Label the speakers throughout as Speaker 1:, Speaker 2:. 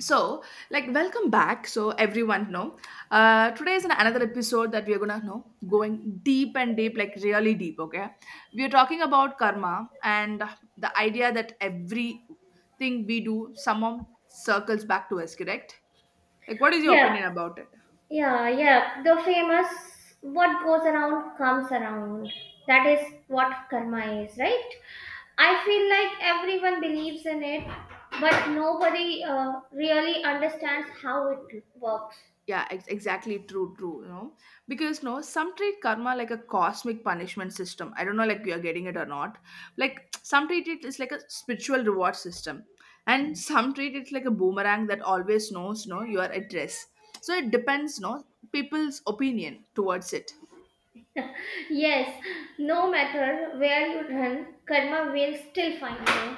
Speaker 1: so like, welcome back, so everyone know, today is another episode that we're gonna know going deep and deep, like really deep, okay. We're talking about karma and the idea that everything we do somehow circles back to us, correct? Like, what is your
Speaker 2: Yeah,
Speaker 1: opinion about it?
Speaker 2: yeah, yeah. The famous what goes around comes around. That is what karma is, right? I feel like everyone believes in it, but nobody really understands how it works.
Speaker 1: Yeah, exactly, true, you know, because no, some treat karma like a cosmic punishment system, I don't know, like you are getting it or not. Like, some treat it is like a spiritual reward system, and some treat it like a boomerang that always knows, no, your address. So it depends, no, people's opinion towards it.
Speaker 2: Yes, no matter where you run, karma will still find you.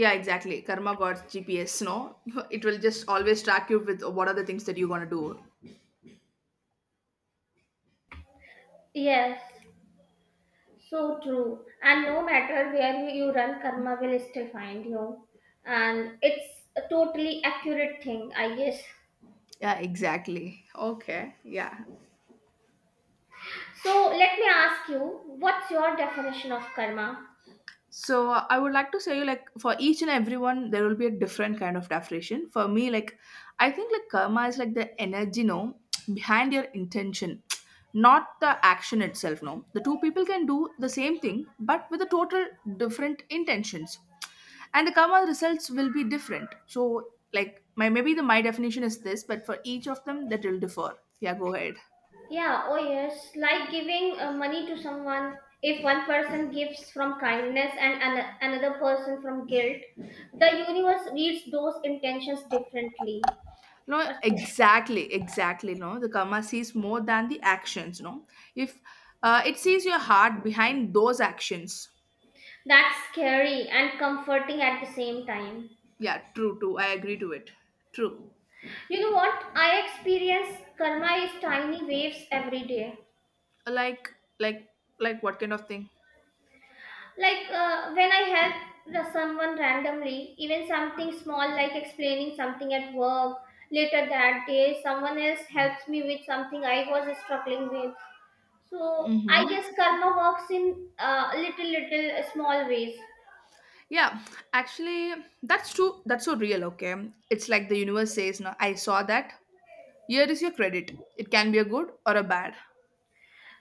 Speaker 1: Yeah, exactly, karma got GPS, no. It will just always track you with what are the things that you're gonna do.
Speaker 2: Yes, so true. And no matter where you run, karma will still find you. And it's a totally accurate thing, I guess.
Speaker 1: Yeah, exactly, okay, yeah.
Speaker 2: So let me ask you, what's your definition of karma?
Speaker 1: So I would like to say, like for each and everyone there will be a different kind of definition. For me, like I think like karma is like the energy, no, behind your intention, not the action itself. No, the two people can do the same thing but with a total different intentions, and the karma results will be different. So like my, maybe the my definition is this, but for each of them that will differ. Yeah, go ahead.
Speaker 2: Yeah, oh yes, like giving money to someone. If one person gives from kindness and another person from guilt, the universe reads those intentions differently.
Speaker 1: No,
Speaker 2: What's it?
Speaker 1: exactly, exactly. No, the karma sees more than the actions. No, if it sees your heart behind those actions.
Speaker 2: That's scary and comforting at the same time.
Speaker 1: Yeah, true, I agree to it. True.
Speaker 2: You know what? I experience karma is tiny waves every day.
Speaker 1: Like, like, like, what kind of thing?
Speaker 2: Like when I help someone randomly, even something small like explaining something at work, later that day someone else helps me with something I was struggling with. So I
Speaker 1: Mm-hmm.
Speaker 2: guess karma works in little little small ways.
Speaker 1: Yeah, actually, that's true. That's so real. Okay, it's like the universe says, "No, I saw that. Here is your credit. It can be a good or a bad."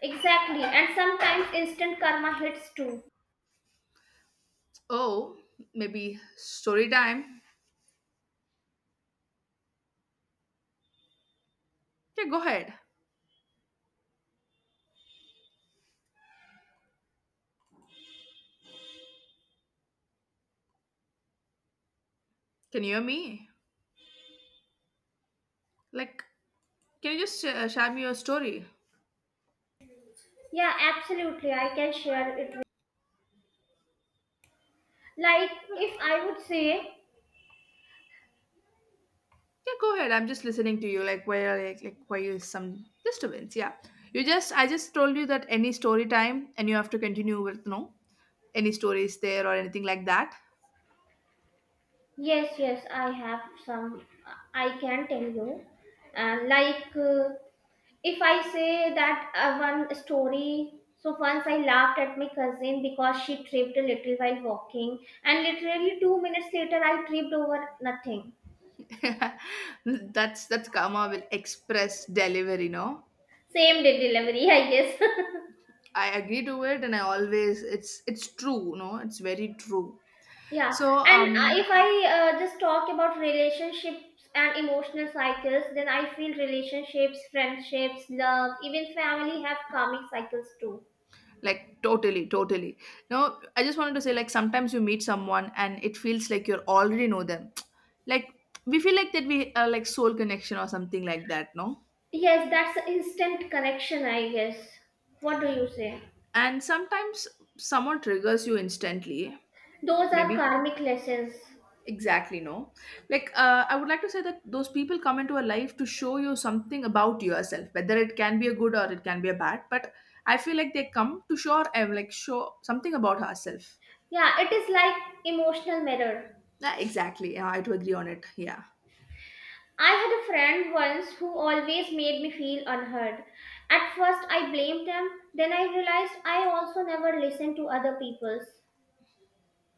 Speaker 2: Exactly, and sometimes instant karma hits too.
Speaker 1: Oh, maybe story time. Yeah, go ahead. Can you hear me? Like, can you just share me your story?
Speaker 2: Yeah, absolutely, I can share it with, like,
Speaker 1: Yeah.
Speaker 2: if I would say,
Speaker 1: Yeah, go ahead. I'm just listening to you. Like, where, where you some disturbance? Yeah, you just, I just told you that any story time, and you have to continue with no, any stories there or anything like that.
Speaker 2: yes, yes, I have some. I can tell you. And like uh, If I say that one story, so once I laughed at my cousin because she tripped a little while walking, and literally 2 minutes later, I tripped over nothing.
Speaker 1: That's karma will express delivery. No,
Speaker 2: Same day delivery, I guess.
Speaker 1: I agree to it, and I always, it's true. No, it's very true.
Speaker 2: Yeah,
Speaker 1: So,
Speaker 2: and if I just talk about relationships and emotional cycles, then I feel relationships, friendships, love, even family have karmic cycles too.
Speaker 1: like totally, no, I just wanted to say like sometimes you meet someone and it feels like you already know them. Like, we feel like that we are like soul connection or something like that, no.
Speaker 2: Yes, that's an instant connection, I guess. What do you say?
Speaker 1: And sometimes someone triggers you instantly,
Speaker 2: Those are
Speaker 1: maybe.
Speaker 2: karmic lessons.
Speaker 1: Exactly, no, like I would like to say that those people come into a life to show you something about yourself, whether it can be a good or it can be a bad, but I feel like they come to show like show something about ourselves.
Speaker 2: Yeah, it is like emotional mirror.
Speaker 1: Yeah, exactly, yeah, I do agree on it, yeah.
Speaker 2: I had a friend once who always made me feel unheard. At first I blamed them, then I realized I also never listened to other people's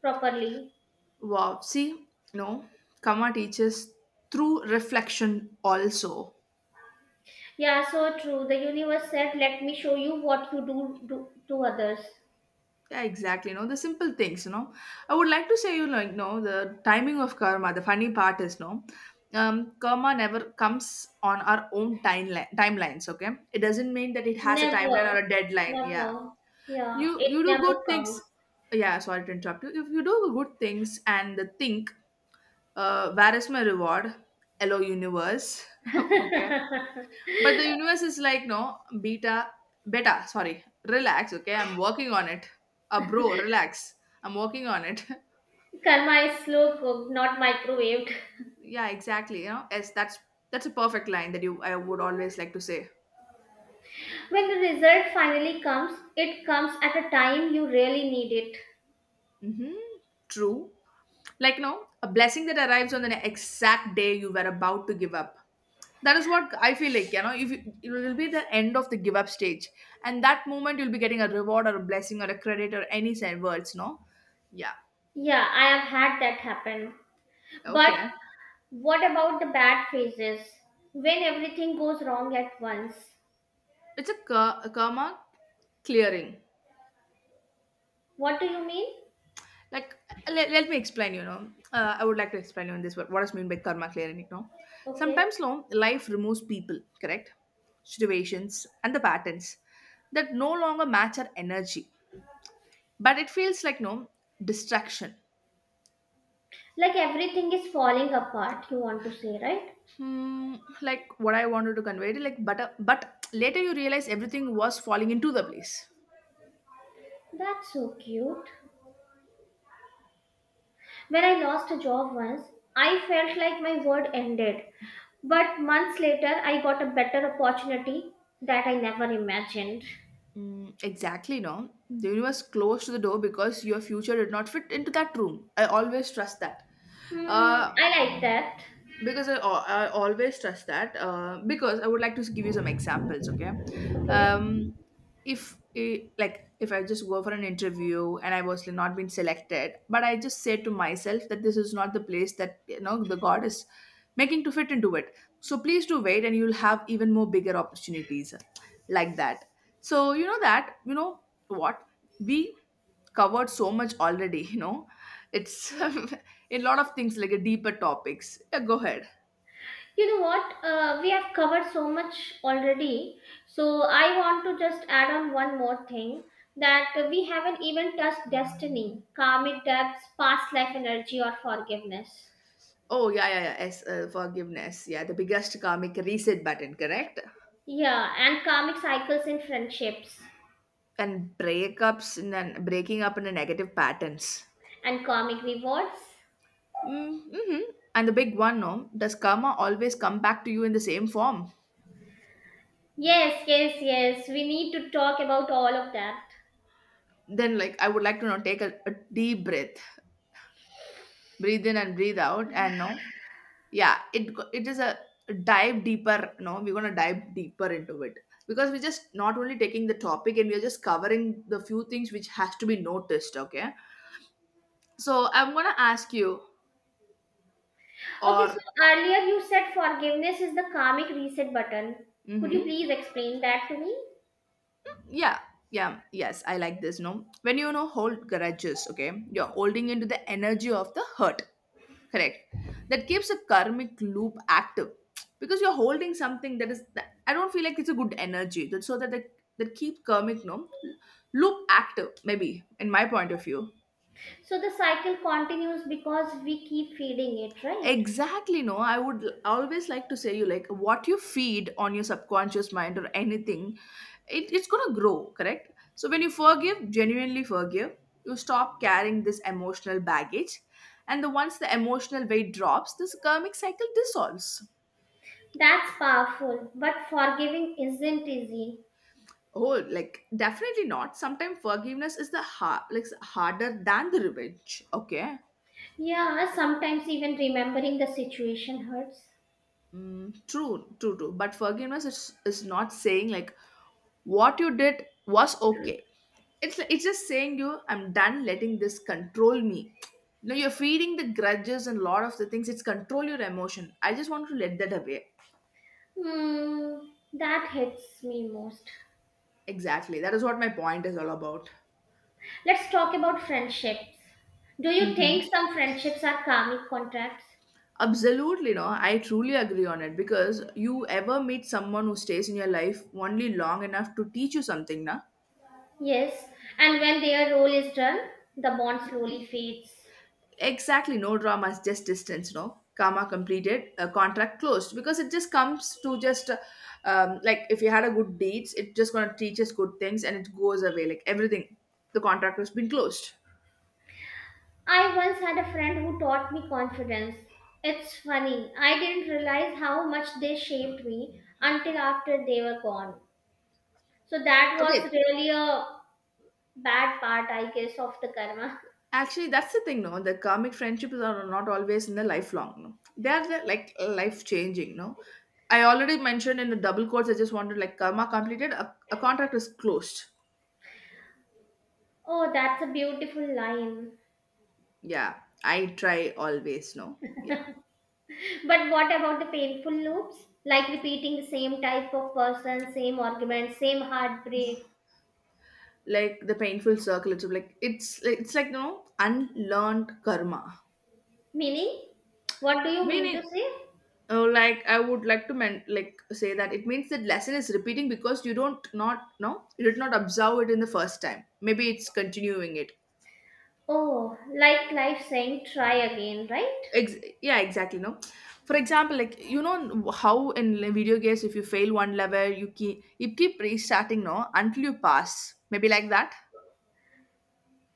Speaker 2: properly.
Speaker 1: Wow. See, no, karma teaches through reflection also.
Speaker 2: Yeah, so true. The universe said, "Let me show you what you do, do to others."
Speaker 1: Yeah, exactly. No, the simple things, you know. I would like to say, you like, no, the timing of karma, the funny part is, no, karma never comes on our own timeline, timelines, okay? It doesn't mean that it has a
Speaker 2: Never,
Speaker 1: timeline or a deadline. Yeah.
Speaker 2: never. Yeah,
Speaker 1: You,
Speaker 2: it
Speaker 1: you do
Speaker 2: never
Speaker 1: good
Speaker 2: comes.
Speaker 1: things. Yeah, sorry to interrupt you. If you do good things and think, where is my reward? Hello, universe. Okay, but the universe is like, no, beta, beta, sorry, relax, okay? I'm working on it. Bro, relax. I'm working on it.
Speaker 2: Karma is slow cooked, not microwaved.
Speaker 1: Yeah, exactly. You know, yes, that's a perfect line that you I would always like to say.
Speaker 2: When the result finally comes, it comes at a time you really need it.
Speaker 1: Mm-hmm. True. Like, no, a blessing that arrives on the exact day you were about to give up. That is what I feel like, you know, if you, it will be the end of the give up stage. And that moment you'll be getting a reward or a blessing or a credit or any words, no? Yeah.
Speaker 2: Yeah, I have had that happen. But
Speaker 1: Okay.
Speaker 2: what about the bad phases? When everything goes wrong at once.
Speaker 1: It's a a karma clearing.
Speaker 2: What do you mean?
Speaker 1: Like, let, let me explain, you know. I would like to explain you in this what is mean by karma clearing, you know.
Speaker 2: Okay.
Speaker 1: Sometimes, no, life removes people, correct, situations and the patterns that no longer match our energy, but it feels like no distraction.
Speaker 2: Like everything is falling apart, you want to say, right?
Speaker 1: Hmm, like what I wanted to convey, like but later you realize everything was falling into the place.
Speaker 2: That's so cute. When I lost a job once, I felt like my world ended. But months later, I got a better opportunity that I never imagined.
Speaker 1: Mm, exactly, no. The universe closed the door because your future did not fit into that room. I always trust that.
Speaker 2: Hmm,
Speaker 1: Uh,
Speaker 2: I like that.
Speaker 1: because I, I always trust that because I would like to give you some examples, okay.
Speaker 2: Okay.
Speaker 1: um, if like if I just go for an interview and I was not been selected but I just say to myself that this is not the place that you know the god is making to fit into it, so please do wait and you'll have even more bigger opportunities, like that. So you know that, you know what, we covered so much already. You know, it's
Speaker 2: Yeah.
Speaker 1: in a lot of things, like a deeper topics, yeah, go ahead.
Speaker 2: You know what? We have covered so much already. So I want to just add on one more thing, that we haven't even touched destiny, karmic debts, past life energy, or forgiveness.
Speaker 1: Oh yeah, yeah, yeah, yes, forgiveness, yeah, the biggest karmic reset button, correct.
Speaker 2: Yeah, and karmic cycles in friendships
Speaker 1: And breakups and then breaking up in a negative patterns.
Speaker 2: and karmic rewards.
Speaker 1: Mm, mm-hmm. And the big one, no, does karma always come back to you in the same form?
Speaker 2: Yes, yes, yes. We need to talk about all of that.
Speaker 1: Then like I would like to now take a deep breath, breathe in and breathe out, and no, yeah, it it is a dive deeper, no, we're going to dive deeper into it, because we're just not only taking the topic and we're just covering the few things which has to be noticed, okay. So I'm going to ask you
Speaker 2: Okay, so
Speaker 1: or
Speaker 2: earlier you said forgiveness is the karmic reset button. Could you
Speaker 1: hmm.
Speaker 2: please explain that to me?
Speaker 1: Yeah, yeah, yes, I like this, no, when you know hold grudges, okay, you're holding into the energy of the hurt. Correct. That keeps a karmic loop active, because you're holding something that is. That, I don't feel like it's a good energy. That, so that the, that keep karmic, no, loop active. Maybe in my point of view.
Speaker 2: So the cycle continues because we keep feeding it, right?
Speaker 1: Exactly. No, I would always like to say you like what you feed on your subconscious mind or anything, it's gonna grow. Correct. So when you forgive, genuinely forgive, you stop carrying this emotional baggage, and the once the emotional weight drops, this karmic cycle dissolves.
Speaker 2: That's powerful, but forgiving isn't easy.
Speaker 1: Oh, like definitely not. Sometimes forgiveness is the hard, like harder than the revenge. Okay.
Speaker 2: Yeah, sometimes even remembering the situation hurts.
Speaker 1: Mm, true, But forgiveness is not saying like what you did was okay. It's like, it's just saying you, I'm done letting this control me. No, you're feeding the grudges and lot of the things. It's control your emotion. I just want to let that away.
Speaker 2: Hmm, that hits me most.
Speaker 1: Exactly. That is what my point is all about.
Speaker 2: Let's talk about friendships. Do you
Speaker 1: Mhm.
Speaker 2: think some friendships are karmic contracts?
Speaker 1: Absolutely, no. I truly agree on it because you ever meet someone who stays in your life only long enough to teach you something, na?
Speaker 2: Yes, and when their role is done, the bond slowly fades.
Speaker 1: Exactly, no dramas, just distance, no. Karma completed, a contract closed, because it just comes to just like if you had a good deeds, it just gonna teach us good things and it goes away like everything. The contract has been closed.
Speaker 2: I once had a friend who taught me confidence. It's funny, I didn't realize how much they shaped me until after they were gone. So that
Speaker 1: Okay.
Speaker 2: was really a bad part, I guess, of the karma.
Speaker 1: Actually, that's the thing, no. The karmic friendships are not always in the lifelong. No, they are the, like life changing. No, I already mentioned in the double quotes. I just wanted like karma completed. A contract is closed.
Speaker 2: Oh, that's a beautiful line.
Speaker 1: Yeah, I try always. No, yeah,
Speaker 2: But what about the painful loops? Like repeating the same type of person, same argument, same heartbreak.
Speaker 1: like the painful circle. It's like it's like no unlearned karma.
Speaker 2: Meaning? What do you mean to
Speaker 1: Meaning,
Speaker 2: say?
Speaker 1: like I would like to like say that it means that lesson is repeating because you don't not no you did not observe it in the first time. Maybe it's continuing it.
Speaker 2: Oh, like life saying try again, right?
Speaker 1: Ex- yeah, exactly. No, for example, like you know how in video games, if you fail one level, you keep restarting, no, until you pass. Maybe like that.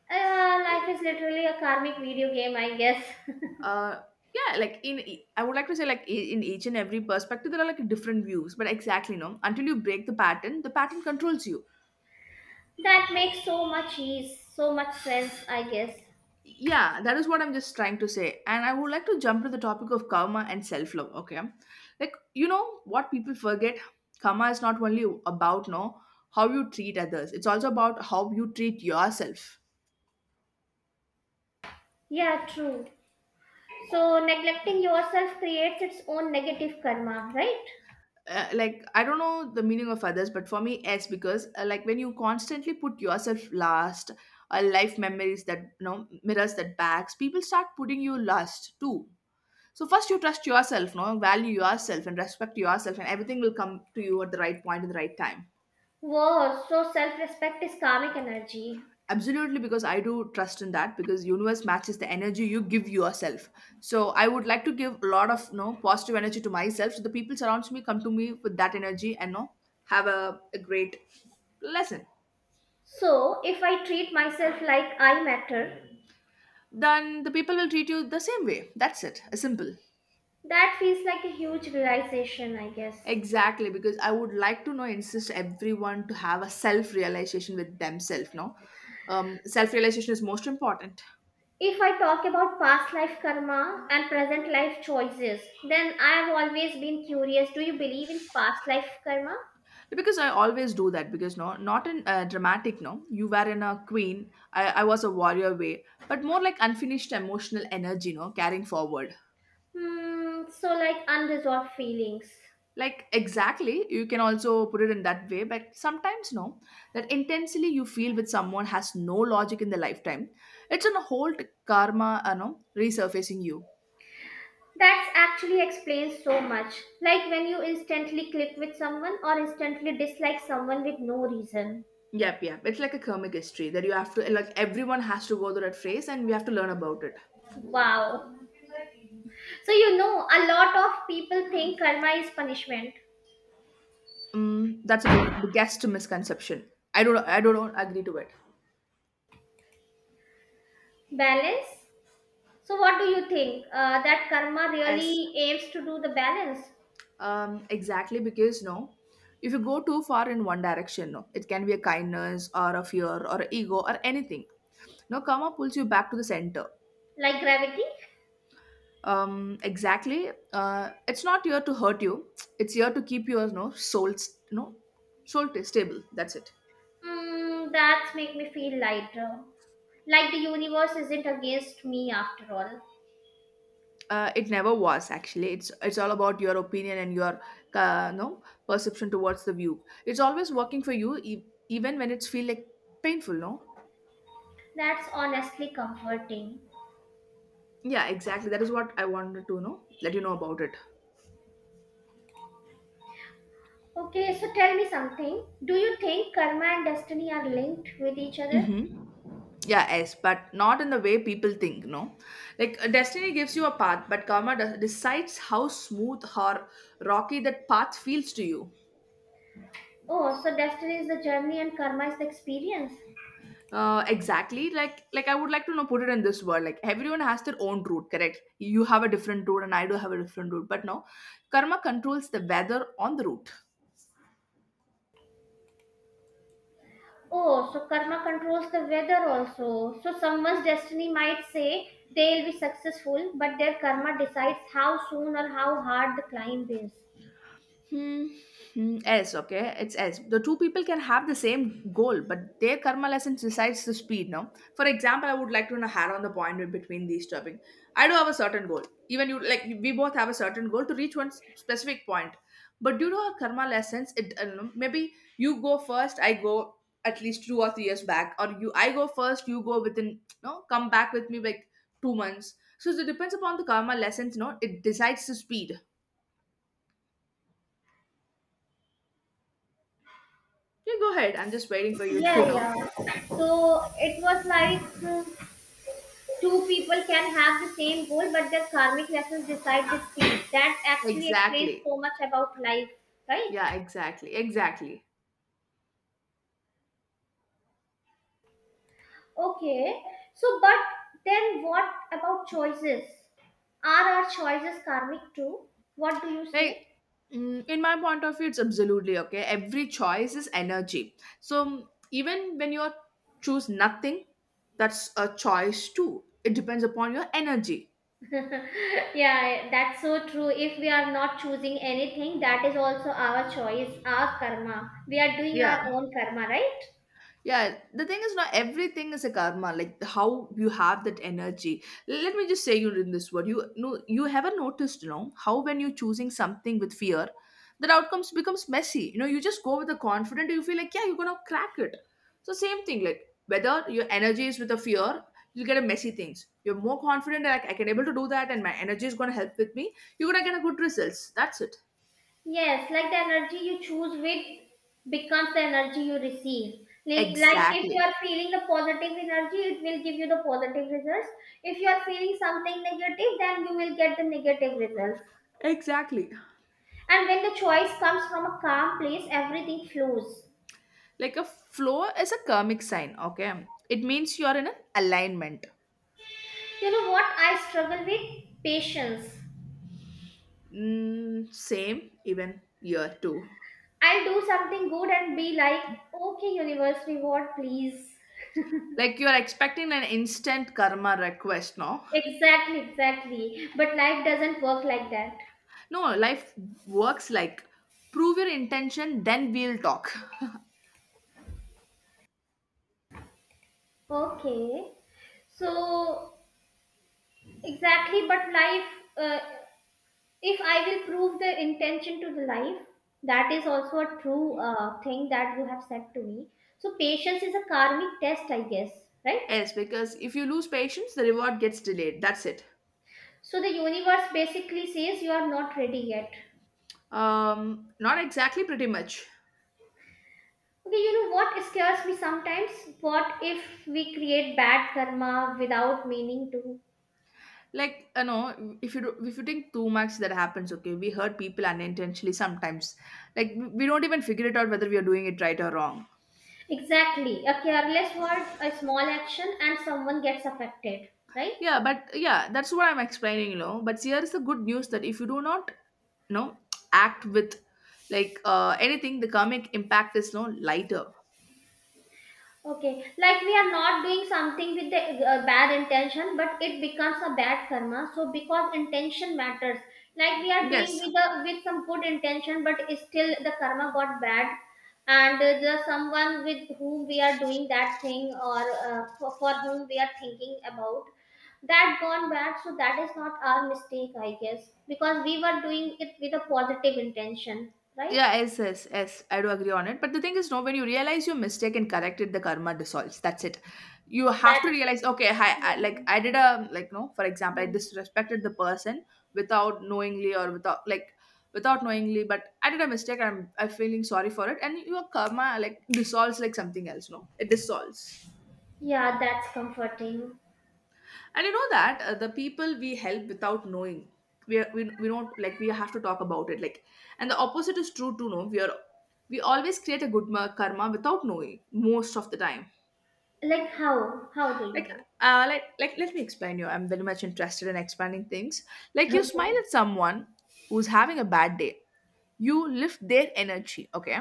Speaker 2: Uh, life is literally a karmic video game, I guess.
Speaker 1: Uh, yeah, like in I would like to say like in each and every perspective, there are like different views. But exactly, no, until you break the pattern controls you.
Speaker 2: That makes so much ease, so much sense, I guess.
Speaker 1: Yeah, that is what I'm just trying to say. And I would like to jump to the topic of karma and self love. Okay. Like, you know what people forget? Karma is not only about, no, how you treat others, it's also about how you treat yourself.
Speaker 2: Yeah, true. So neglecting yourself creates its own negative karma, right?
Speaker 1: Like I don't know the meaning of others, but for me, yes, because like when you constantly put yourself last, life memories that you know mirrors that backs, people start putting you last too. So first you trust yourself, no, value yourself and respect yourself, and everything will come to you at the right point in the right time.
Speaker 2: Wow, so self-respect is karmic energy.
Speaker 1: Absolutely, because I do trust in that because universe matches the energy you give yourself. So I would like to give a lot of no positive energy to myself. So the people surrounds me come to me with that energy and no have a great lesson.
Speaker 2: So if I treat myself like I matter,
Speaker 1: Then the people will treat you the same way. That's it. Simple.
Speaker 2: that feels like a huge realization, I guess.
Speaker 1: Exactly, because I would like to know insist everyone to have a self realization with themselves. No, Self realization is most important
Speaker 2: If I talk about past life karma and present life choices, then I have always been curious. Do you believe in past life karma?
Speaker 1: because I always do that because not in dramatic. No, you were in a queen, I was a warrior way, but more like unfinished emotional energy. No, carrying forward.
Speaker 2: Hmm, so like unresolved feelings.
Speaker 1: Like exactly, you can also put it in that way. But sometimes no, that intensely you feel with someone has no logic in the lifetime. It's an whole karma, you know, resurfacing you.
Speaker 2: That's actually explains so much. Like when you instantly click with someone or instantly dislike someone with no reason.
Speaker 1: Yep, yep. It's like a comic history that you have to like everyone has to go through that phase, and we have to learn about it.
Speaker 2: Wow. So you know, a lot of people think karma is punishment.
Speaker 1: That's a big biggest misconception. I don't agree to it.
Speaker 2: Balance? So what do you think? That karma
Speaker 1: Yes.
Speaker 2: really aims to do the balance?
Speaker 1: Exactly because no, if you go too far in one direction, no, it can be a kindness or a fear or a ego or anything. No, karma pulls you back to the center.
Speaker 2: Like gravity?
Speaker 1: Exactly. It's not here to hurt you. It's here to keep your soul, s- no soul stable. That's it.
Speaker 2: Mm, that's make me feel lighter. Like the universe isn't against me after all.
Speaker 1: Uh, it never was actually. It's all about your opinion and your no perception towards the view. It's always working for you, even when it's feel like painful. No,
Speaker 2: That's honestly comforting.
Speaker 1: yeah, exactly, that is what I wanted to know let you know about it.
Speaker 2: Okay, so tell me something. Do you think karma and destiny are linked with each other?
Speaker 1: Hmm, yeah, yes, but not in the way people think. No, like destiny gives you a path, but karma decides how smooth or rocky that path feels to you.
Speaker 2: Oh, so destiny is the journey and karma is the experience.
Speaker 1: Uh, exactly. Like I would like to know put it in this world, like everyone has their own route, correct? You have a different route and I do have a different route, but no, karma controls the weather on the route.
Speaker 2: Oh, so karma controls the weather also. So someone's destiny might say they'll be successful, but their karma decides how soon or how hard the climb is.
Speaker 1: Hmm. Hmm, yes, okay. It's S. The two people can have the same goal, but their karma lessons decides the speed. Now, for example, I would like to you know how on the point in between these topping. I do have a certain goal. Even you, like we both have a certain goal to reach one specific point. But due to our karma lessons, it I don't know, maybe you go first. I go at least 2 or 3 years back, or you I go first. You go within no come back with me like 2 months. So it depends upon the karma lessons. No, it decides the speed. You go ahead. I'm just waiting for you to
Speaker 2: Yeah, yeah.
Speaker 1: know.
Speaker 2: So it was like two people can have the same goal, but their karmic lessons decide the speed. That actually explains
Speaker 1: Exactly.
Speaker 2: so much about life, right?
Speaker 1: Yeah, exactly. Exactly.
Speaker 2: Okay. So, but then what about choices? Are our choices karmic too? What do you
Speaker 1: Like,
Speaker 2: say?
Speaker 1: in my point of view, it's absolutely okay. Every choice is energy. So, even when you choose nothing, that's a choice too. It depends upon your energy.
Speaker 2: Yeah, that's so true. If we are not choosing anything, that is also our choice, our karma. We are doing our
Speaker 1: Yeah.
Speaker 2: own karma, right?
Speaker 1: Yeah, the thing is, not everything is a karma. Like how you have that energy. Let me just say you in this word. You know, you haven't noticed, you know, how when you're choosing something with fear, that outcomes becomes messy. You know, you just go with the confident. You feel like yeah, you're gonna crack it. So same thing. Like whether your energy is with a fear, you'll get a messy things. You're more confident. Like I can able to do that, and my energy is gonna help with me. You're gonna get a good results. That's it.
Speaker 2: Yes, like the energy you choose with becomes the energy you receive. Like if you
Speaker 1: Exactly.
Speaker 2: are feeling the positive energy, it will give you the positive results. If you are feeling something negative, then you will get the negative results.
Speaker 1: Exactly.
Speaker 2: And when the choice comes from a calm place, everything flows.
Speaker 1: Like a flow is a karmic sign, okay? It means you're in an alignment.
Speaker 2: You know what? I struggle with patience.
Speaker 1: Mm, same, even year two.
Speaker 2: I'll do something good and be like, okay, universe, reward, please.
Speaker 1: Like you're expecting an instant karma request, no?
Speaker 2: Exactly, exactly. But life doesn't work like that.
Speaker 1: No, life works like prove your intention, then we'll talk.
Speaker 2: Okay. So, exactly, but uh, if I will prove the intention to the life, that is also a true thing that you have said to me. So, patience is a karmic test, I guess, right?
Speaker 1: Yes, because if you lose patience, the reward gets delayed. That's it.
Speaker 2: So, the universe basically says you are not ready yet.
Speaker 1: Not exactly, pretty much.
Speaker 2: Okay, you know what scares me sometimes? What if we create bad karma without meaning to?
Speaker 1: Like, you know, if you think too much that happens. Okay, we hurt people unintentionally sometimes. Like we don't even figure it out whether we are doing it right or wrong.
Speaker 2: Exactly. A careless word, a small action, and someone gets affected, right?
Speaker 1: Yeah, but yeah, that's what I'm explaining, you know. But here is the good news that if you do not, you know, act with like anything, the karmic impact is no lighter.
Speaker 2: Okay, like we are not doing something with the bad intention, but it becomes a bad karma. So because intention matters, like we are
Speaker 1: Yes.
Speaker 2: doing with some good intention, but still the karma got bad, and the someone with whom we are doing that thing or for whom we are thinking about, that gone bad. So that is not our mistake, I guess, because we were doing it with a positive intention, right?
Speaker 1: Yeah, yes, yes, yes. I do agree on it. But the thing is, no, when you realize your mistake and correct it, the karma dissolves. That's it. You have to
Speaker 2: That.
Speaker 1: realize, okay, hi, I, like
Speaker 2: Hmm.
Speaker 1: I did a like no, for example, I
Speaker 2: Hmm.
Speaker 1: disrespected the person without knowingly or without like without knowingly, but I did a mistake. I'm feeling sorry for it, and your karma like dissolves like something else. No, it dissolves.
Speaker 2: Yeah, that's comforting.
Speaker 1: And you know that the people we help without knowing, we don't like we have to talk about it. Like, and the opposite is true too. No, we are we always create a good karma without knowing most of the time.
Speaker 2: Like how do
Speaker 1: Like,
Speaker 2: you
Speaker 1: like let me explain you. I'm very much interested in expanding things. Like
Speaker 2: do?
Speaker 1: you smile
Speaker 2: Okay.
Speaker 1: at someone who's having a bad day, you lift their energy. Okay,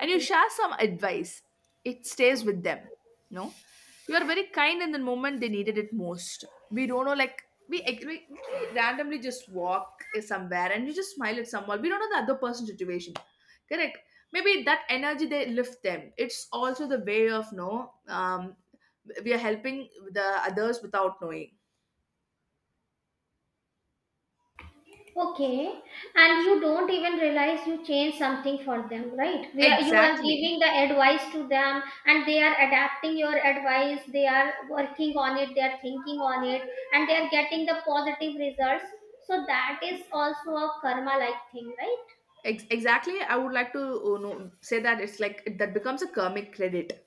Speaker 1: and you share some advice, it stays with them. No, you are very kind in the moment they needed it most. We don't know, like we agree we randomly just walk somewhere and you just smile at someone. We don't know the other person's situation, correct? Maybe that energy they lift them, it's also the way of no we are helping the others without knowing.
Speaker 2: Okay. And you don't even realize you change something for them, right? Where you are
Speaker 1: Exactly.
Speaker 2: giving the advice to them and they are adapting your advice, they are working on it, they are thinking on it, and they are getting the positive results. So that is also a karma like thing, right?
Speaker 1: Exactly, I would like to, you know, say that it's like that becomes a karmic credit.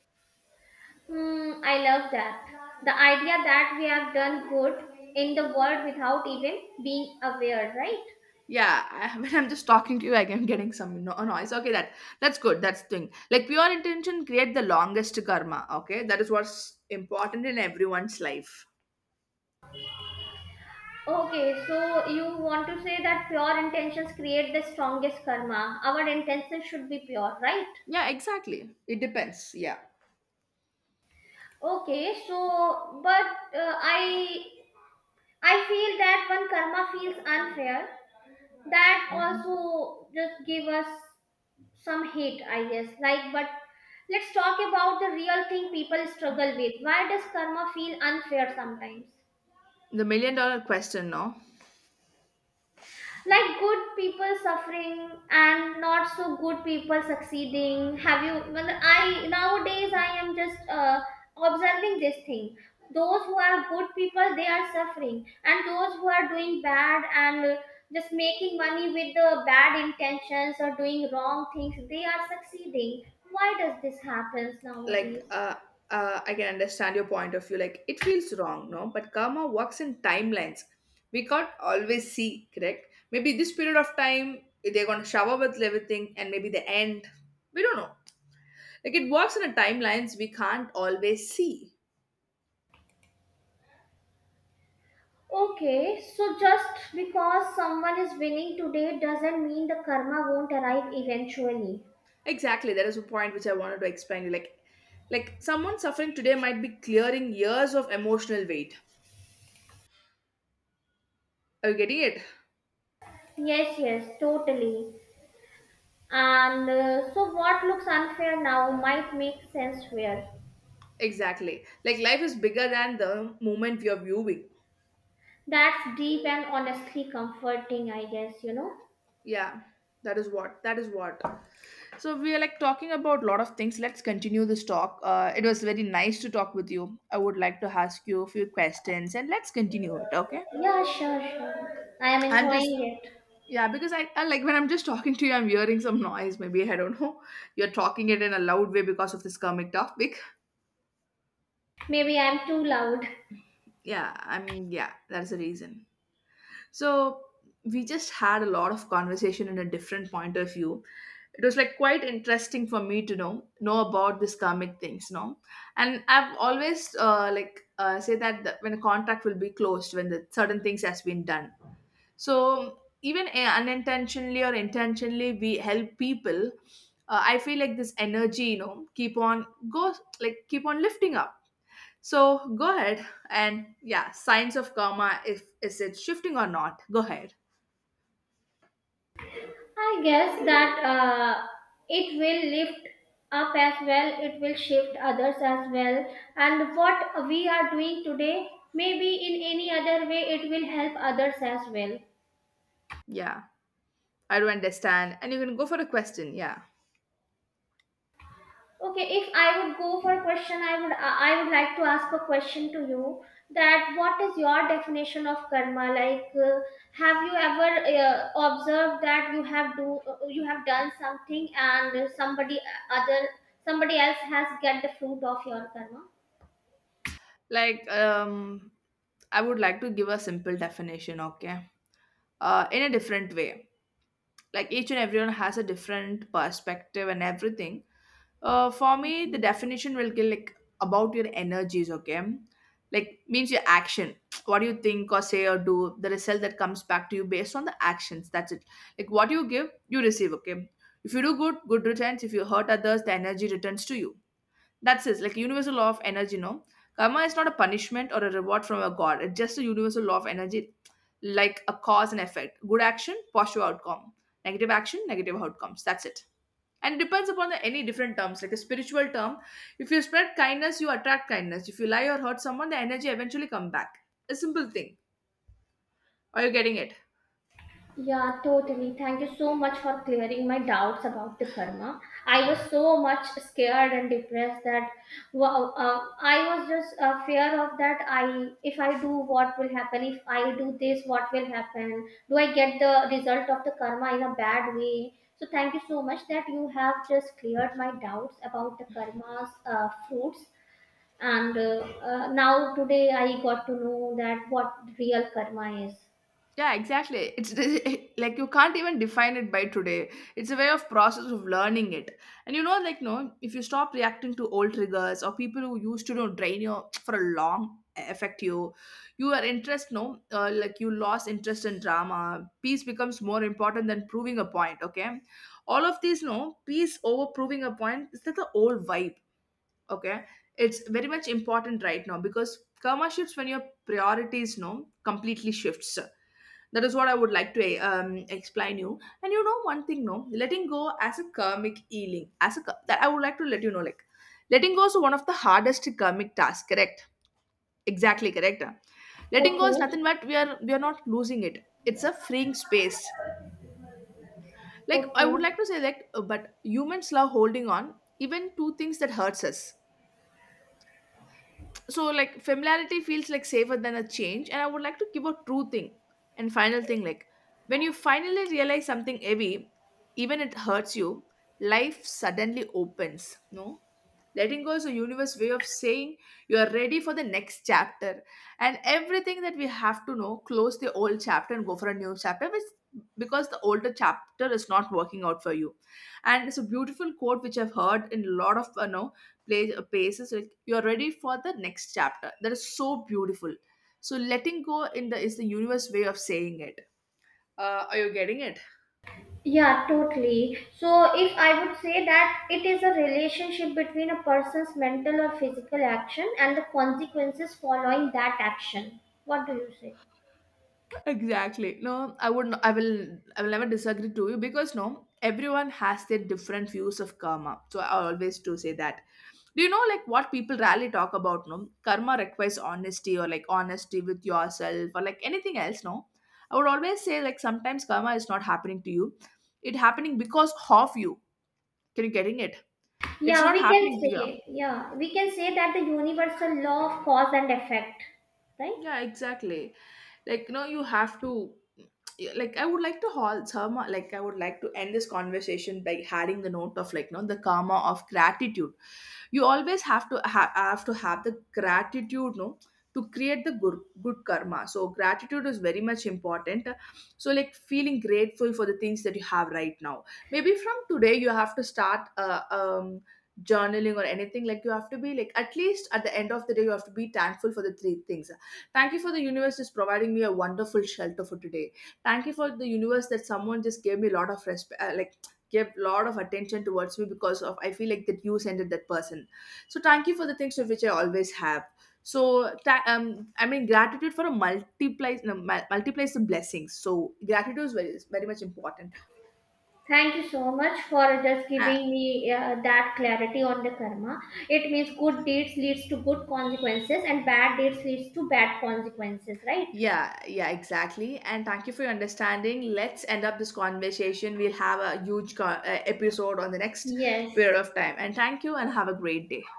Speaker 2: Hmm, I love that. The idea that we have done good in the world without even being aware, right?
Speaker 1: Yeah, I, when I'm just talking to you, I'm getting some noise, okay? That that's good. That's the thing, like pure intention create the longest karma. Okay, that is what's important in everyone's life.
Speaker 2: Okay, so you want to say that pure intentions create the strongest karma. Our intentions should be pure, right?
Speaker 1: Yeah, exactly, it depends, yeah.
Speaker 2: Okay, so but uh, I I feel that when karma feels unfair, that
Speaker 1: Mhm.
Speaker 2: also just give us some hate, I guess. Like, but let's talk about the real thing people struggle with. Why does karma feel unfair sometimes?
Speaker 1: The $1 million question, no?
Speaker 2: Like good people suffering and not so good people succeeding. Have you well i nowadays, I am just observing this thing. Those who are good people, they are suffering, and those who are doing bad and just making money with the bad intentions or doing wrong things, they are succeeding. Why does this happen
Speaker 1: Like
Speaker 2: nowadays?
Speaker 1: I can understand your point of view, like it feels wrong. No, but karma works in timelines, we can't always see, correct? Maybe this period of time they're going to shower with everything, and maybe the end we don't know. Like it works in a timelines, we can't always see.
Speaker 2: Okay, so just because someone is winning today doesn't mean the karma won't arrive eventually.
Speaker 1: Exactly, that is a point which I wanted to explain to you. Like someone suffering today might be clearing years of emotional weight. Are you getting it?
Speaker 2: Yes, yes, totally. And so, what looks unfair now might make sense fair.
Speaker 1: Exactly, like life is bigger than the moment you're viewing.
Speaker 2: That's deep and honestly comforting, I guess, you know?
Speaker 1: Yeah, that is what. That is what. So we are like talking about a lot of things. Let's continue this talk. It was very nice to talk with you. I would like to ask you a few questions and let's continue it. Okay.
Speaker 2: Yeah, sure, sure. I am
Speaker 1: I'm just
Speaker 2: enjoying it.
Speaker 1: yeah, because I like when I'm just talking to you, I'm hearing some noise. Maybe I don't know. You're talking it in a loud way because of this comic topic.
Speaker 2: Maybe I'm too loud.
Speaker 1: Yeah, I'm yeah. That's the reason. So we just had a lot of conversation in a different point of view. It was like quite interesting for me to know about this karmic things, you know. And I've always like say that the, when a contract will be closed when the certain things has been done. So even unintentionally or intentionally, we help people. I feel like this energy, you know, keep on goes like keep on lifting up. So go ahead, and yeah, signs of karma if is it shifting or not? Go ahead.
Speaker 2: I guess that it will lift up as well, it will shift others as well. And what we are doing today, maybe in any other way, it will help others as well.
Speaker 1: Yeah, I do understand. And you can go for a question. Yeah.
Speaker 2: Okay, if I would go for a question, I would like to ask a question to you, that what is your definition of karma? Have you ever uh, observed that you have done something and somebody else has get the fruit of your karma?
Speaker 1: Like, I would like to give a simple definition, okay? In a different way. Like, each and everyone has a different perspective and everything. For me, the definition will be like about your energies, okay? Like, means your action. What you think or say or do? The result that comes back to you based on the actions. That's it. Like, what you give, you receive, okay? If you do good, good returns. If you hurt others, the energy returns to you. That's it, like universal law of energy, no? Karma is not a punishment or a reward from a god. It's just a universal law of energy, like a cause and effect. Good action, positive outcome. Negative action, negative outcomes. That's it. And it depends upon the, any different terms, like a spiritual term. If you spread kindness, you attract kindness. If you lie or hurt someone, the energy eventually come back. A simple thing. Are you getting it?
Speaker 2: Yeah, totally. Thank you so much for clearing my doubts about the karma. I was so much scared and depressed that wow, I was just fear of that. I if I do, what will happen? If I do this, what will happen? Do I get the result of the karma in a bad way? So thank you so much that you have just cleared my doubts about the karma's fruits. And now today I got to know that what real karma is.
Speaker 1: Yeah, exactly. It's like you can't even define it by today. It's a way of process of learning it. And you know, like no, if you stop reacting to old triggers or people who used to, you know, drain you for a long affect you, your interest no, like you lost interest in drama. Peace becomes more important than proving a point. Okay, all of these no peace over proving a point is that the old vibe. Okay, it's very much important right now because karma shifts when your priorities no completely shifts. That is what I would like to explain you. And you know one thing no, letting go as a karmic healing, as a that I would like to let you know like letting go is one of the hardest karmic tasks, correct? Exactly, correct, ah? Letting go is
Speaker 2: Okay.
Speaker 1: nothing but we are not losing it, it's a freeing space. Like I would
Speaker 2: Okay.
Speaker 1: like to say that but humans love holding on even to things that hurts us. So like familiarity feels like safer than a change. And I would like to give a true thing and final thing, like when you finally realize something heavy, even it hurts you, life suddenly opens, no? Letting go is a universe way of saying you are ready for the next chapter. And everything that we have to know, close the old chapter and go for a new chapter, which, because the older chapter is not working out for you. And it's a beautiful quote which I've heard in a lot of no, play, paces, like you're ready for the next chapter, that is so beautiful. So letting go in the is the universe way of saying it. Are you getting it?
Speaker 2: Yeah, totally. So, if I would say that it is a relationship between a person's mental or physical action and the consequences following that action. What do you say?
Speaker 1: Exactly, no, I will I will never disagree to you, because no, everyone has their different views of karma, so I always do say that. Do you know like what people rarely talk about, no, karma requires honesty, or like honesty with yourself or like anything else, no? I would always say like sometimes karma is not happening to you, it happening because of you. Can you getting it? It's
Speaker 2: Yeah,
Speaker 1: not
Speaker 2: we can
Speaker 1: happening to you.
Speaker 2: say, yeah, we can say that the universal law of cause and effect, right?
Speaker 1: Yeah, exactly. Like, you know, you have to. Yeah, like, I would like to haul some. Like, I would like to end this conversation by adding the note of like, you know, the karma of gratitude. You always have to have to have the gratitude, no, to create the good karma. So gratitude is very much important. So like feeling grateful for the things that you have right now. Maybe from today you have to start journaling or anything. Like you have to be like at least at the end of the day you have to be thankful for the three things. Thank you for the universe just providing me a wonderful shelter for today. Thank you for the universe that someone just gave me a lot of respect, like gave a lot of attention towards me, because of I feel like that you sent it that person. So thank you for the things of which I always have. So I mean gratitude for a multiplies, no, multiplies the blessings. So gratitude is very much important.
Speaker 2: Thank you so much for just giving me that clarity on the karma. It means good deeds leads to good consequences and bad deeds leads to bad consequences, right?
Speaker 1: Yeah, yeah, exactly. And thank you for your understanding. Let's end up this conversation. We'll have a huge episode on the next
Speaker 2: Yes.
Speaker 1: period of time. And thank you and have a great day.